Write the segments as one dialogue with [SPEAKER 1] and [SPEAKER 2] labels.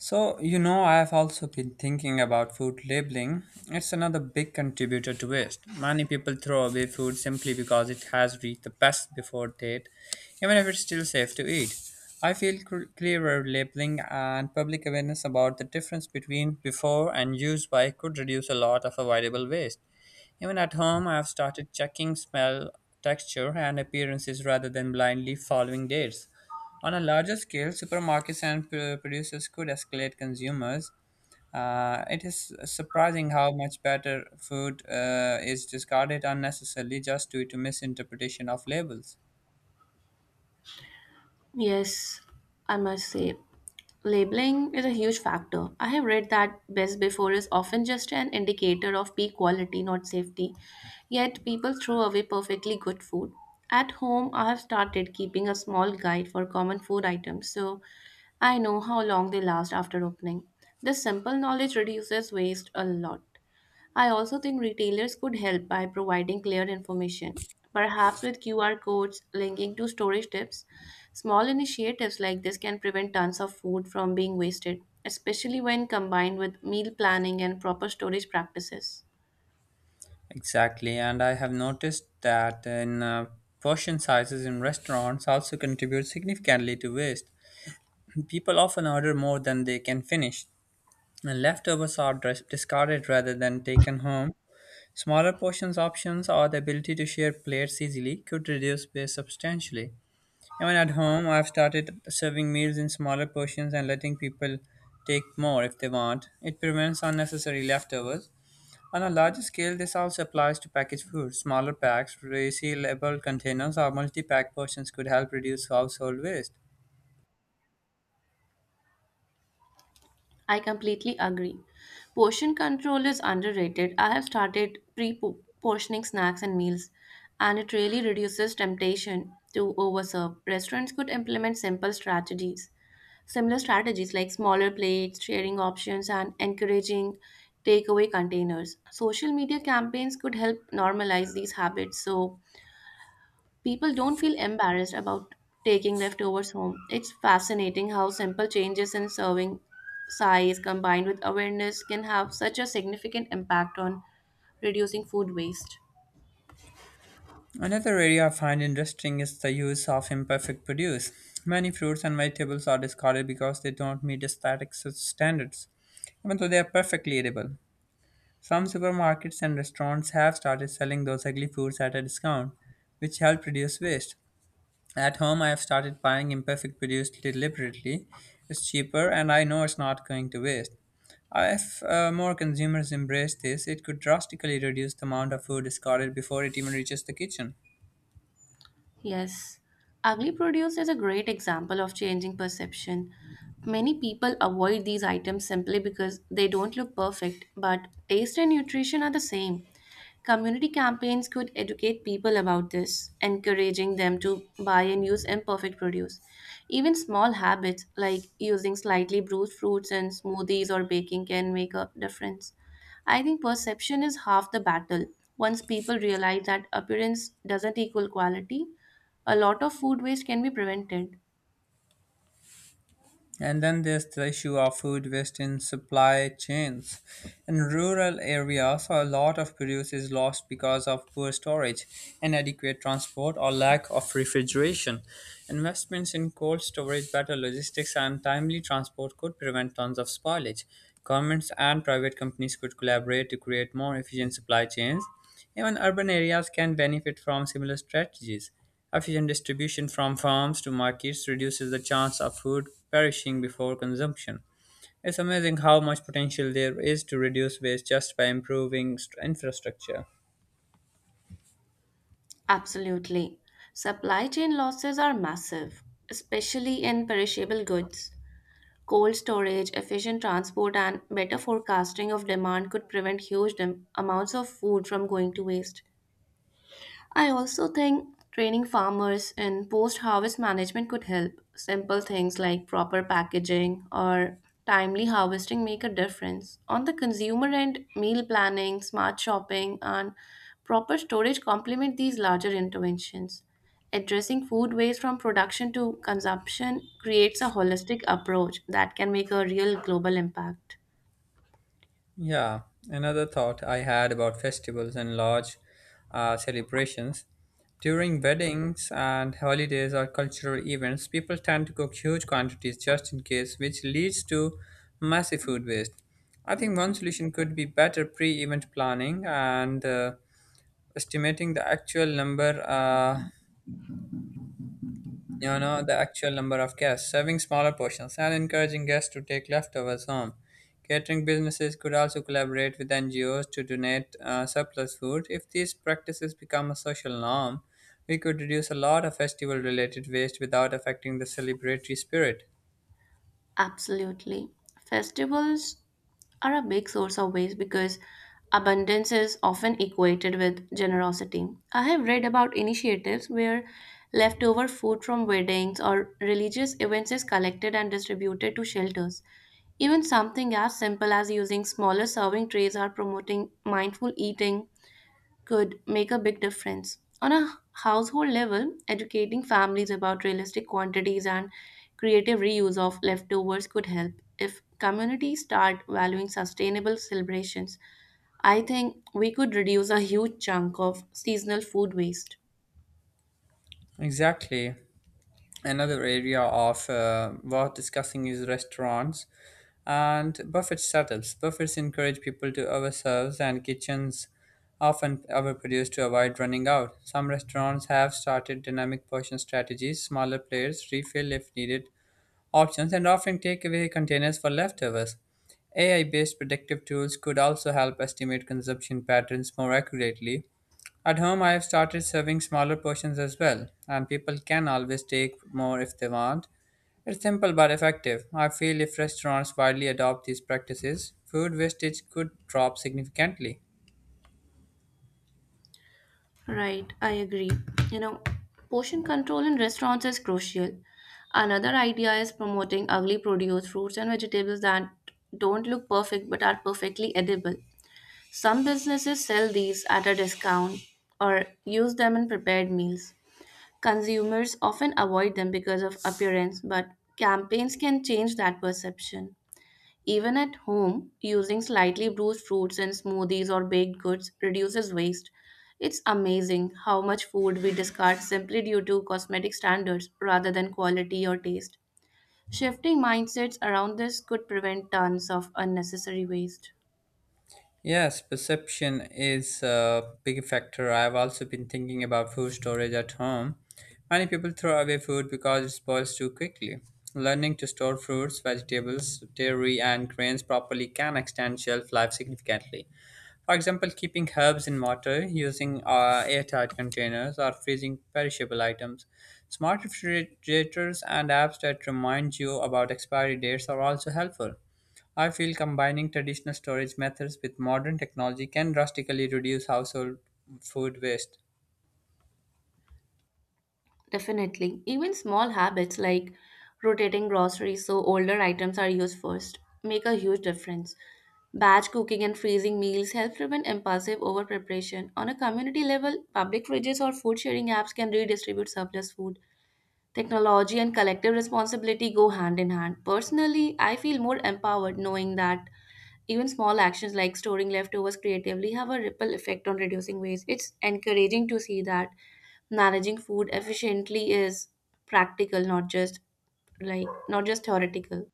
[SPEAKER 1] I have also been thinking about food labeling. It's another big contributor to waste. Many people throw away food simply because it has reached the best before date, even if it's still safe to eat. I feel clearer labeling and public awareness about the difference between before and used by could reduce a lot of avoidable waste. Even at home, I have started checking smell, texture, and appearances rather than blindly following dates. On a larger scale, supermarkets and producers could escalate consumers. It is surprising how much better food is discarded unnecessarily just due to misinterpretation of labels.
[SPEAKER 2] Yes, I must say. Labeling is a huge factor. I have read that best before is often just an indicator of peak quality, not safety. Yet people throw away perfectly good food. At home, I have started keeping a small guide for common food items so I know how long they last after opening. This simple knowledge reduces waste a lot. I also think retailers could help by providing clear information, perhaps with QR codes linking to storage tips. Small initiatives like this can prevent tons of food from being wasted, especially when combined with meal planning and proper storage practices.
[SPEAKER 1] Exactly, and I have noticed that in portion sizes in restaurants also contribute significantly to waste. People often order more than they can finish, and leftovers are discarded rather than taken home. Smaller portions options or the ability to share plates easily could reduce space substantially. Even at home, I've started serving meals in smaller portions and letting people take more if they want. It prevents unnecessary leftovers. On a larger scale, this also applies to packaged food. Smaller packs, resealable containers, or multi pack portions could help reduce household waste.
[SPEAKER 2] I completely agree. Portion control is underrated. I have started pre portioning snacks and meals, and it really reduces temptation to overserve. Restaurants could implement simple strategies, similar strategies like smaller plates, sharing options, and encouraging takeaway containers. Social media campaigns could help normalize these habits so people don't feel embarrassed about taking leftovers home. It's fascinating how simple changes in serving size combined with awareness can have such a significant impact on reducing food waste.
[SPEAKER 1] Another area I find interesting is the use of imperfect produce. Many fruits and vegetables are discarded because they don't meet aesthetic standards, even though they are perfectly edible. Some supermarkets and restaurants have started selling those ugly foods at a discount, which help reduce waste. At home, I have started buying imperfect produce deliberately. It's cheaper, and I know it's not going to waste. If more consumers embrace this, it could drastically reduce the amount of food discarded before it even reaches the kitchen.
[SPEAKER 2] Yes, ugly produce is a great example of changing perception. Many people avoid these items simply because they don't look perfect, but taste and nutrition are the same. Community campaigns could educate people about this, encouraging them to buy and use imperfect produce. Even small habits like using slightly bruised fruits in smoothies or baking can make a difference. I think perception is half the battle. Once people realize that appearance doesn't equal quality, a lot of food waste can be prevented.
[SPEAKER 1] And then there's the issue of food waste in supply chains. In rural areas, a lot of produce is lost because of poor storage, inadequate transport, or lack of refrigeration. Investments in cold storage, better logistics, and timely transport could prevent tons of spoilage. Governments and private companies could collaborate to create more efficient supply chains. Even urban areas can benefit from similar strategies. Efficient distribution from farms to markets reduces the chance of food perishing before consumption. It's amazing how much potential there is to reduce waste just by improving infrastructure.
[SPEAKER 2] Absolutely. Supply chain losses are massive, especially in perishable goods. Cold storage, efficient transport, and better forecasting of demand could prevent huge amounts of food from going to waste. I also think training farmers in post harvest management could help. Simple things like proper packaging or timely harvesting make a difference. On the consumer end, meal planning, smart shopping, and proper storage complement these larger interventions. Addressing food waste from production to consumption creates a holistic approach that can make a real global impact.
[SPEAKER 1] Yeah, another thought I had about festivals and large celebrations. During weddings and holidays or cultural events, people tend to cook huge quantities just in case, which leads to massive food waste. I think one solution could be better pre event planning and estimating the actual number the actual number of guests serving smaller portions and encouraging guests to take leftovers home catering businesses could also collaborate with ngos to donate surplus food if these practices become a social norm we could reduce a lot of festival related waste without affecting the celebratory spirit
[SPEAKER 2] Absolutely. Festivals are a big source of waste because abundance is often equated with generosity. I have read about initiatives where leftover food from weddings or religious events is collected and distributed to shelters. Even something as simple as using smaller serving trays are promoting mindful eating could make a big difference. On a household level, educating families about realistic quantities and creative reuse of leftovers could help. If communities start valuing sustainable celebrations, I think we could reduce a huge chunk of seasonal food waste.
[SPEAKER 1] exactly another area of worth discussing is restaurants and buffet setups. Buffets encourage people to overserve, and kitchens often overproduce to avoid running out. Some restaurants have started dynamic portion strategies, smaller plates, refill if needed options, and offering takeaway containers for leftovers. AI based predictive tools could also help estimate consumption patterns more accurately at home, I have started serving smaller portions as well, and people can always take more if they want. It's simple but effective. I feel if restaurants widely adopt these practices, food wastage could drop significantly.
[SPEAKER 2] Right, I agree. You know, portion control in restaurants is crucial. Another idea is promoting ugly produce, fruits, and vegetables that don't look perfect but are perfectly edible. Some businesses sell these at a discount or use them in prepared meals. Consumers often avoid them because of appearance, but campaigns can change that perception. Even at home, using slightly bruised fruits in smoothies or baked goods reduces waste. It's amazing how much food we discard simply due to cosmetic standards rather than quality or taste. Shifting mindsets around this could prevent tons of unnecessary waste.
[SPEAKER 1] Yes, perception is a big factor. I have also been thinking about food storage at home. Many people throw away food because it spoils too quickly. Learning to store fruits, vegetables, dairy, and grains properly can extend shelf life significantly. For example, keeping herbs in water, using airtight containers, or freezing perishable items. Smart refrigerators and apps that remind you about expiry dates are also helpful. I feel combining traditional storage methods with modern technology can drastically reduce household food waste.
[SPEAKER 2] Definitely. Even small habits like rotating groceries so older items are used first make a huge difference. Batch cooking and freezing meals help prevent impulsive over preparation. On a community level, public fridges or food sharing apps can redistribute surplus food. Technology and collective responsibility go hand in hand. Personally, I feel more empowered knowing that even small actions like storing leftovers creatively have a ripple effect on reducing waste. It's encouraging to see that managing food efficiently is practical, not just theoretical.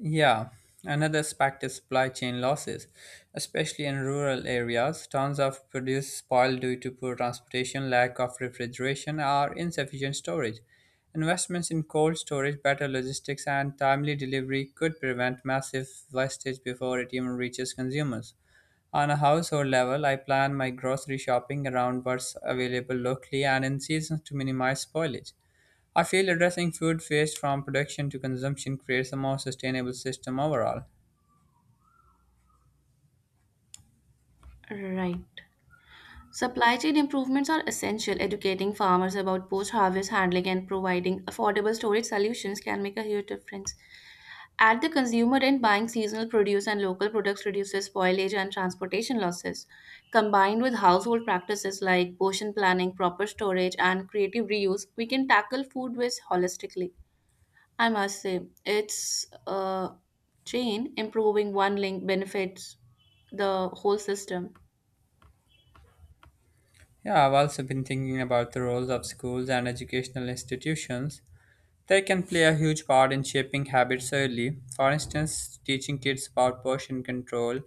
[SPEAKER 1] Yeah, another aspect is supply chain losses, especially in rural areas. Tons of produce spoiled due to poor transportation, lack of refrigeration, or insufficient storage. Investments in cold storage, better logistics, and timely delivery could prevent massive wastage before it even reaches consumers. On a household level, I plan my grocery shopping around what's available locally and in seasons to minimize spoilage. I feel addressing food waste from production to consumption creates a more sustainable system overall.
[SPEAKER 2] Right. Supply chain improvements are essential. Educating farmers about post harvest handling and providing affordable storage solutions can make a huge difference. At the consumer end, buying seasonal produce and local products reduces spoilage and transportation losses. Combined with household practices like portion planning, proper storage, and creative reuse, we can tackle food waste holistically. I must say, it's a chain improving one link benefits the whole system.
[SPEAKER 1] Yeah, I've also been thinking about the roles of schools and educational institutions. They can play a huge part in shaping habits early. For instance, teaching kids about portion control,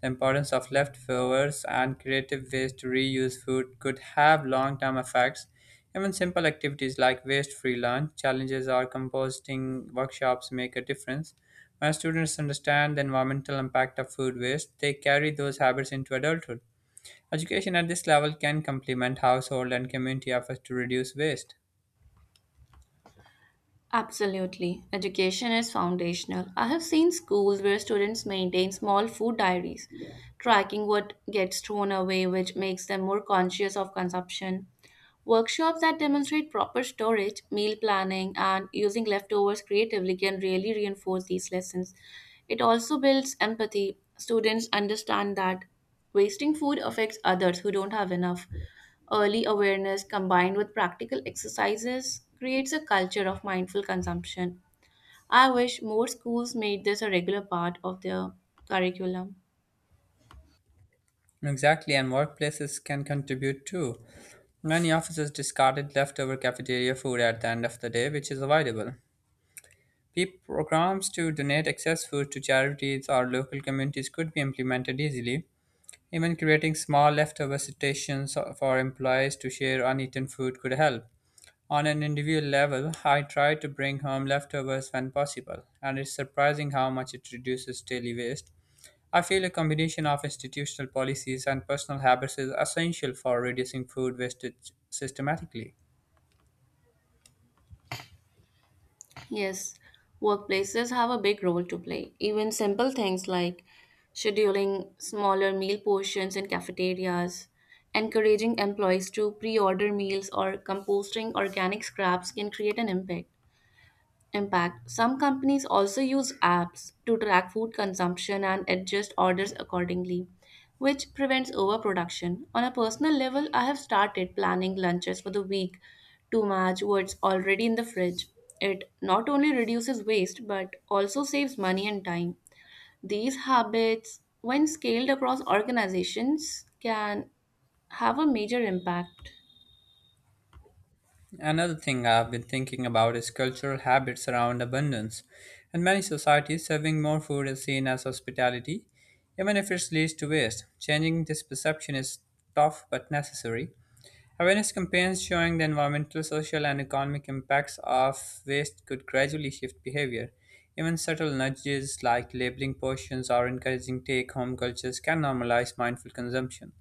[SPEAKER 1] the importance of leftovers, and creative ways to reuse food could have long term effects. Even simple activities like waste free lunch challenges or composting workshops make a difference. When students understand the environmental impact of food waste, they carry those habits into adulthood. Education at this level can complement household and community efforts to reduce waste.
[SPEAKER 2] Absolutely. Education is foundational. I have seen schools where students maintain small food diaries, tracking what gets thrown away, which makes them more conscious of consumption. Workshops that demonstrate proper storage, meal planning, and using leftovers creatively can really reinforce these lessons. It also builds empathy. Students understand that wasting food affects others who don't have enough. Early awareness combined with practical exercises creates a culture of mindful consumption. I wish more schools made this a regular part of their curriculum.
[SPEAKER 1] Exactly, and workplaces can contribute too. Many offices discarded leftover cafeteria food at the end of the day, which is avoidable. Peep programs to donate excess food to charities or local communities could be implemented easily. Even creating small leftover stations for employees to share uneaten food could help. On an individual level, I try to bring home leftovers when possible, and it's surprising how much it reduces daily waste. I feel a combination of institutional policies and personal habits is essential for reducing food wastage systematically.
[SPEAKER 2] Yes, workplaces have a big role to play. Even simple things like scheduling smaller meal portions in cafeterias, encouraging employees to pre order meals, or composting organic scraps can create an impact. Some companies also use apps to track food consumption and adjust orders accordingly, which prevents overproduction. On a personal level, I have started planning lunches for the week to match what's already in the fridge. It not only reduces waste but also saves money and time. These habits, when scaled across organizations, can have a major impact.
[SPEAKER 1] Another thing I've been thinking about is cultural habits around abundance. In many societies, serving more food is seen as hospitality, even if it leads to waste. Changing this perception is tough but necessary. Awareness campaigns showing the environmental, social, and economic impacts of waste could gradually shift behavior. Even subtle nudges like labeling portions or encouraging take home cultures can normalize mindful consumption.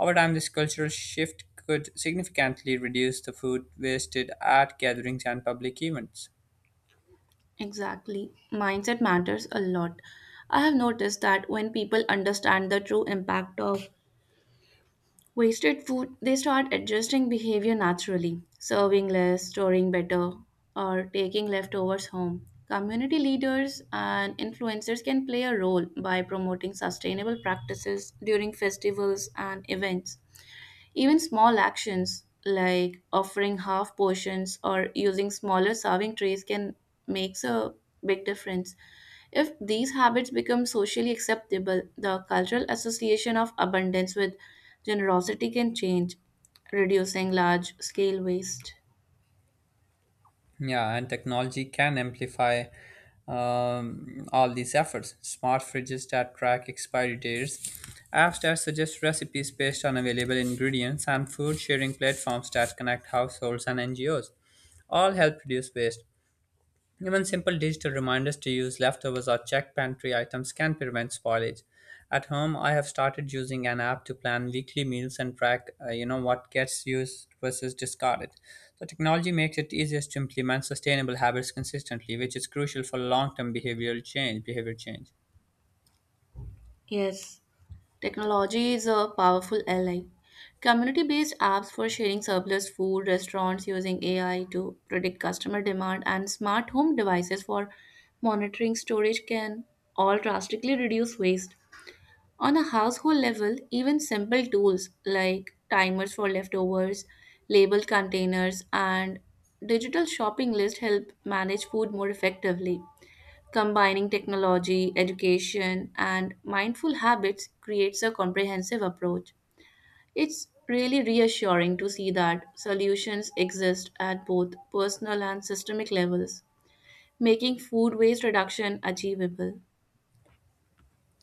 [SPEAKER 1] Over time, this cultural shift could significantly reduce the food wasted at gatherings and public events.
[SPEAKER 2] Exactly. Mindset matters a lot. I have noticed that when people understand the true impact of wasted food, they start adjusting behavior naturally, serving less, storing better, or taking leftovers home. Community leaders and influencers can play a role by promoting sustainable practices during festivals and events. Even small actions like offering half portions or using smaller serving trays can makes a big difference. If these habits become socially acceptable, the cultural association of abundance with generosity can change, reducing large scale waste.
[SPEAKER 1] Yeah, and technology can amplify all these efforts. Smart fridges that track expiry dates, apps that suggest recipes based on available ingredients, and food sharing platforms that connect households and NGOs all help reduce waste. Even simple digital reminders to use leftovers or check pantry items can prevent spoilage. At home, I have started using an app to plan weekly meals and track what gets used versus discarded. So technology makes it easier to implement sustainable habits consistently, which is crucial for long-term behavioral change. Behavior change.
[SPEAKER 2] Yes, technology is a powerful ally. Community based apps for sharing surplus food, restaurants using AI to predict customer demand, and smart home devices for monitoring storage can all drastically reduce waste. On a household level, even simple tools like timers for leftovers, labeled containers, and digital shopping list help manage food more effectively. Combining technology, education, and mindful habits creates a comprehensive approach. It's really reassuring to see that solutions exist at both personal and systemic levels, making food waste reduction achievable.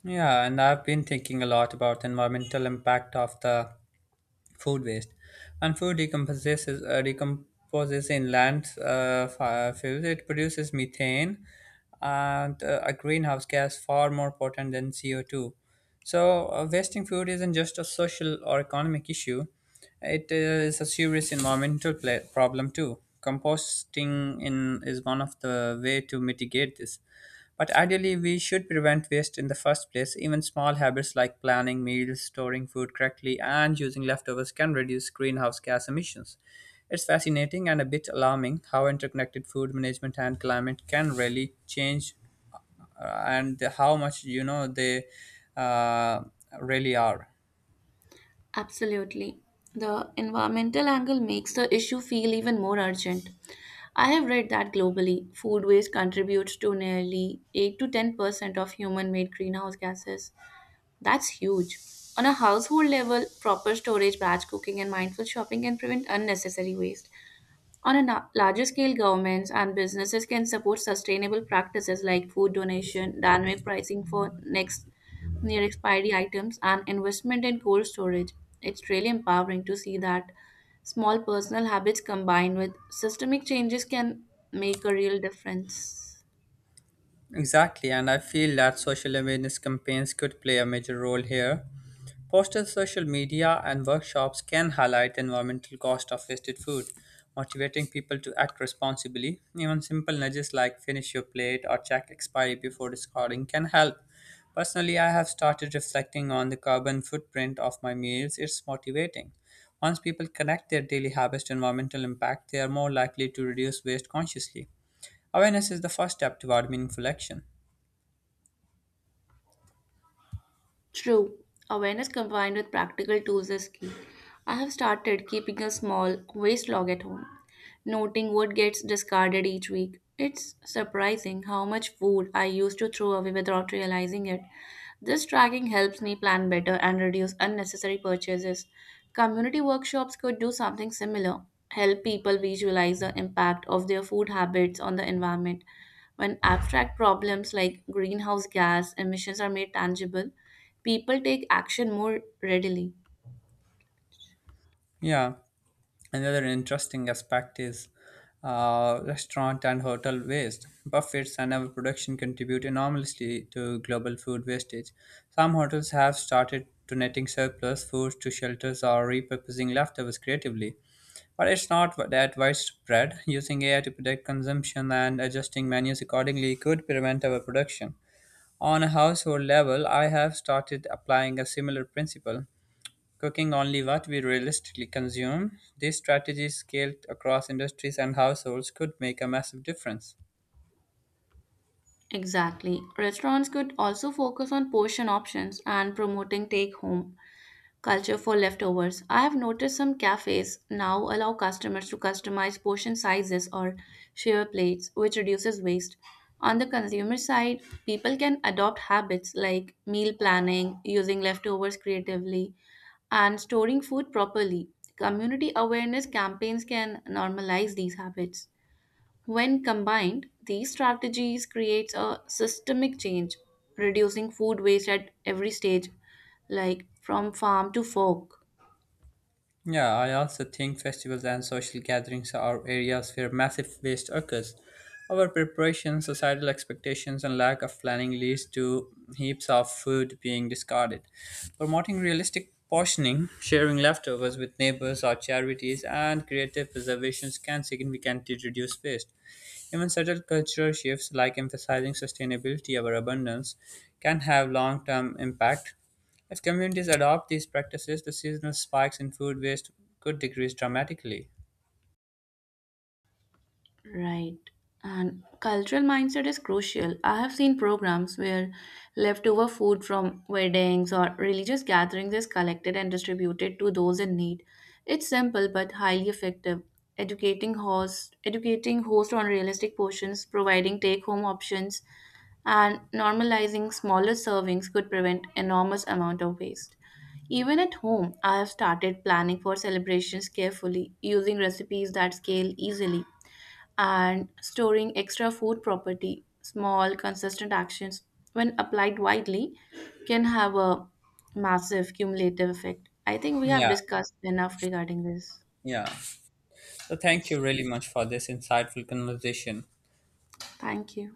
[SPEAKER 1] Yeah, and I've been thinking a lot about the environmental impact of the food waste. And food decomposes in land fuels. It produces methane and a greenhouse gas far more potent than CO2. So, wasting food isn't just a social or economic issue. It is a serious environmental pla problem too. Composting in is one of the way to mitigate this. But ideally, we should prevent waste in the first place. Even small habits like planning meals, storing food correctly, and using leftovers can reduce greenhouse gas emissions. It's fascinating and a bit alarming how interconnected food management and climate can really change and how much you know they uh, really are.
[SPEAKER 2] Absolutely. The environmental angle makes the issue feel even more urgent. I have read that globally, food waste contributes to nearly 8 to 10% of human made greenhouse gases. That's huge. On a household level, proper storage, batch cooking, and mindful shopping can prevent unnecessary waste. On a larger scale, governments and businesses can support sustainable practices like food donation, dynamic pricing for next near expiry items, and investment in cold storage. It's really empowering to see that small personal habits combined with systemic changes can make a real difference.
[SPEAKER 1] Exactly, and I feel that social awareness campaigns could play a major role here. Posters, social media, and workshops can highlight the environmental cost of wasted food, motivating people to act responsibly. Even simple nudges like finish your plate or check expiry before discarding can help. Personally, I have started reflecting on the carbon footprint of my meals. It's motivating. Once people connect their daily habits to environmental impact, they are more likely to reduce waste consciously. Awareness is the first step toward meaningful action.
[SPEAKER 2] True, awareness combined with practical tools is key. I have started keeping a small waste log at home, noting what gets discarded each week. It's surprising how much food I used to throw away without realizing it. This tracking helps me plan better and reduce unnecessary purchases. Community workshops could do something similar, help people visualize the impact of their food habits on the environment. When abstract problems like greenhouse gas emissions are made tangible, people take action more readily.
[SPEAKER 1] Yeah, another interesting aspect is restaurant and hotel waste. Buffets and overproduction contribute enormously to global food wastage. Some hotels have started donating surplus food to shelters or repurposing leftovers creatively. But it's not that widespread. Using AI to predict consumption and adjusting menus accordingly could prevent overproduction. On a household level, I have started applying a similar principle, cooking only what we realistically consume. This strategy scaled across industries and households could make a massive difference.
[SPEAKER 2] Exactly. Restaurants could also focus on portion options and promoting take home culture for leftovers. I have noticed some cafes now allow customers to customize portion sizes or share plates, which reduces waste. On the consumer side, people can adopt habits like meal planning, using leftovers creatively, and storing food properly. Community awareness campaigns can normalize these habits. When combined, these strategies creates a systemic change, reducing food waste at every stage, like from farm to fork.
[SPEAKER 1] Yeah, I also think festivals and social gatherings are areas where massive waste occurs. Our preparation, societal expectations, and lack of planning leads to heaps of food being discarded. Promoting realistic portioning, sharing leftovers with neighbors or charities, and creative preservations can significantly reduce waste. Even subtle cultural shifts like emphasizing sustainability over abundance can have long term impact if communities adopt these practices, the seasonal spikes in food waste could decrease dramatically.
[SPEAKER 2] Right. And cultural mindset is crucial. I have seen programs where leftover food from weddings or religious gatherings is collected and distributed to those in need. It's simple but highly effective. Educating host on realistic portions, providing take-home options, and normalizing smaller servings could prevent enormous amount of waste. Even at home, I have started planning for celebrations carefully, using recipes that scale easily and storing extra food property. Small, consistent actions, when applied widely, can have a massive cumulative effect. I think we have
[SPEAKER 1] Yeah,
[SPEAKER 2] discussed enough regarding this.
[SPEAKER 1] yeah. So thank you really much for this insightful conversation.
[SPEAKER 2] Thank you.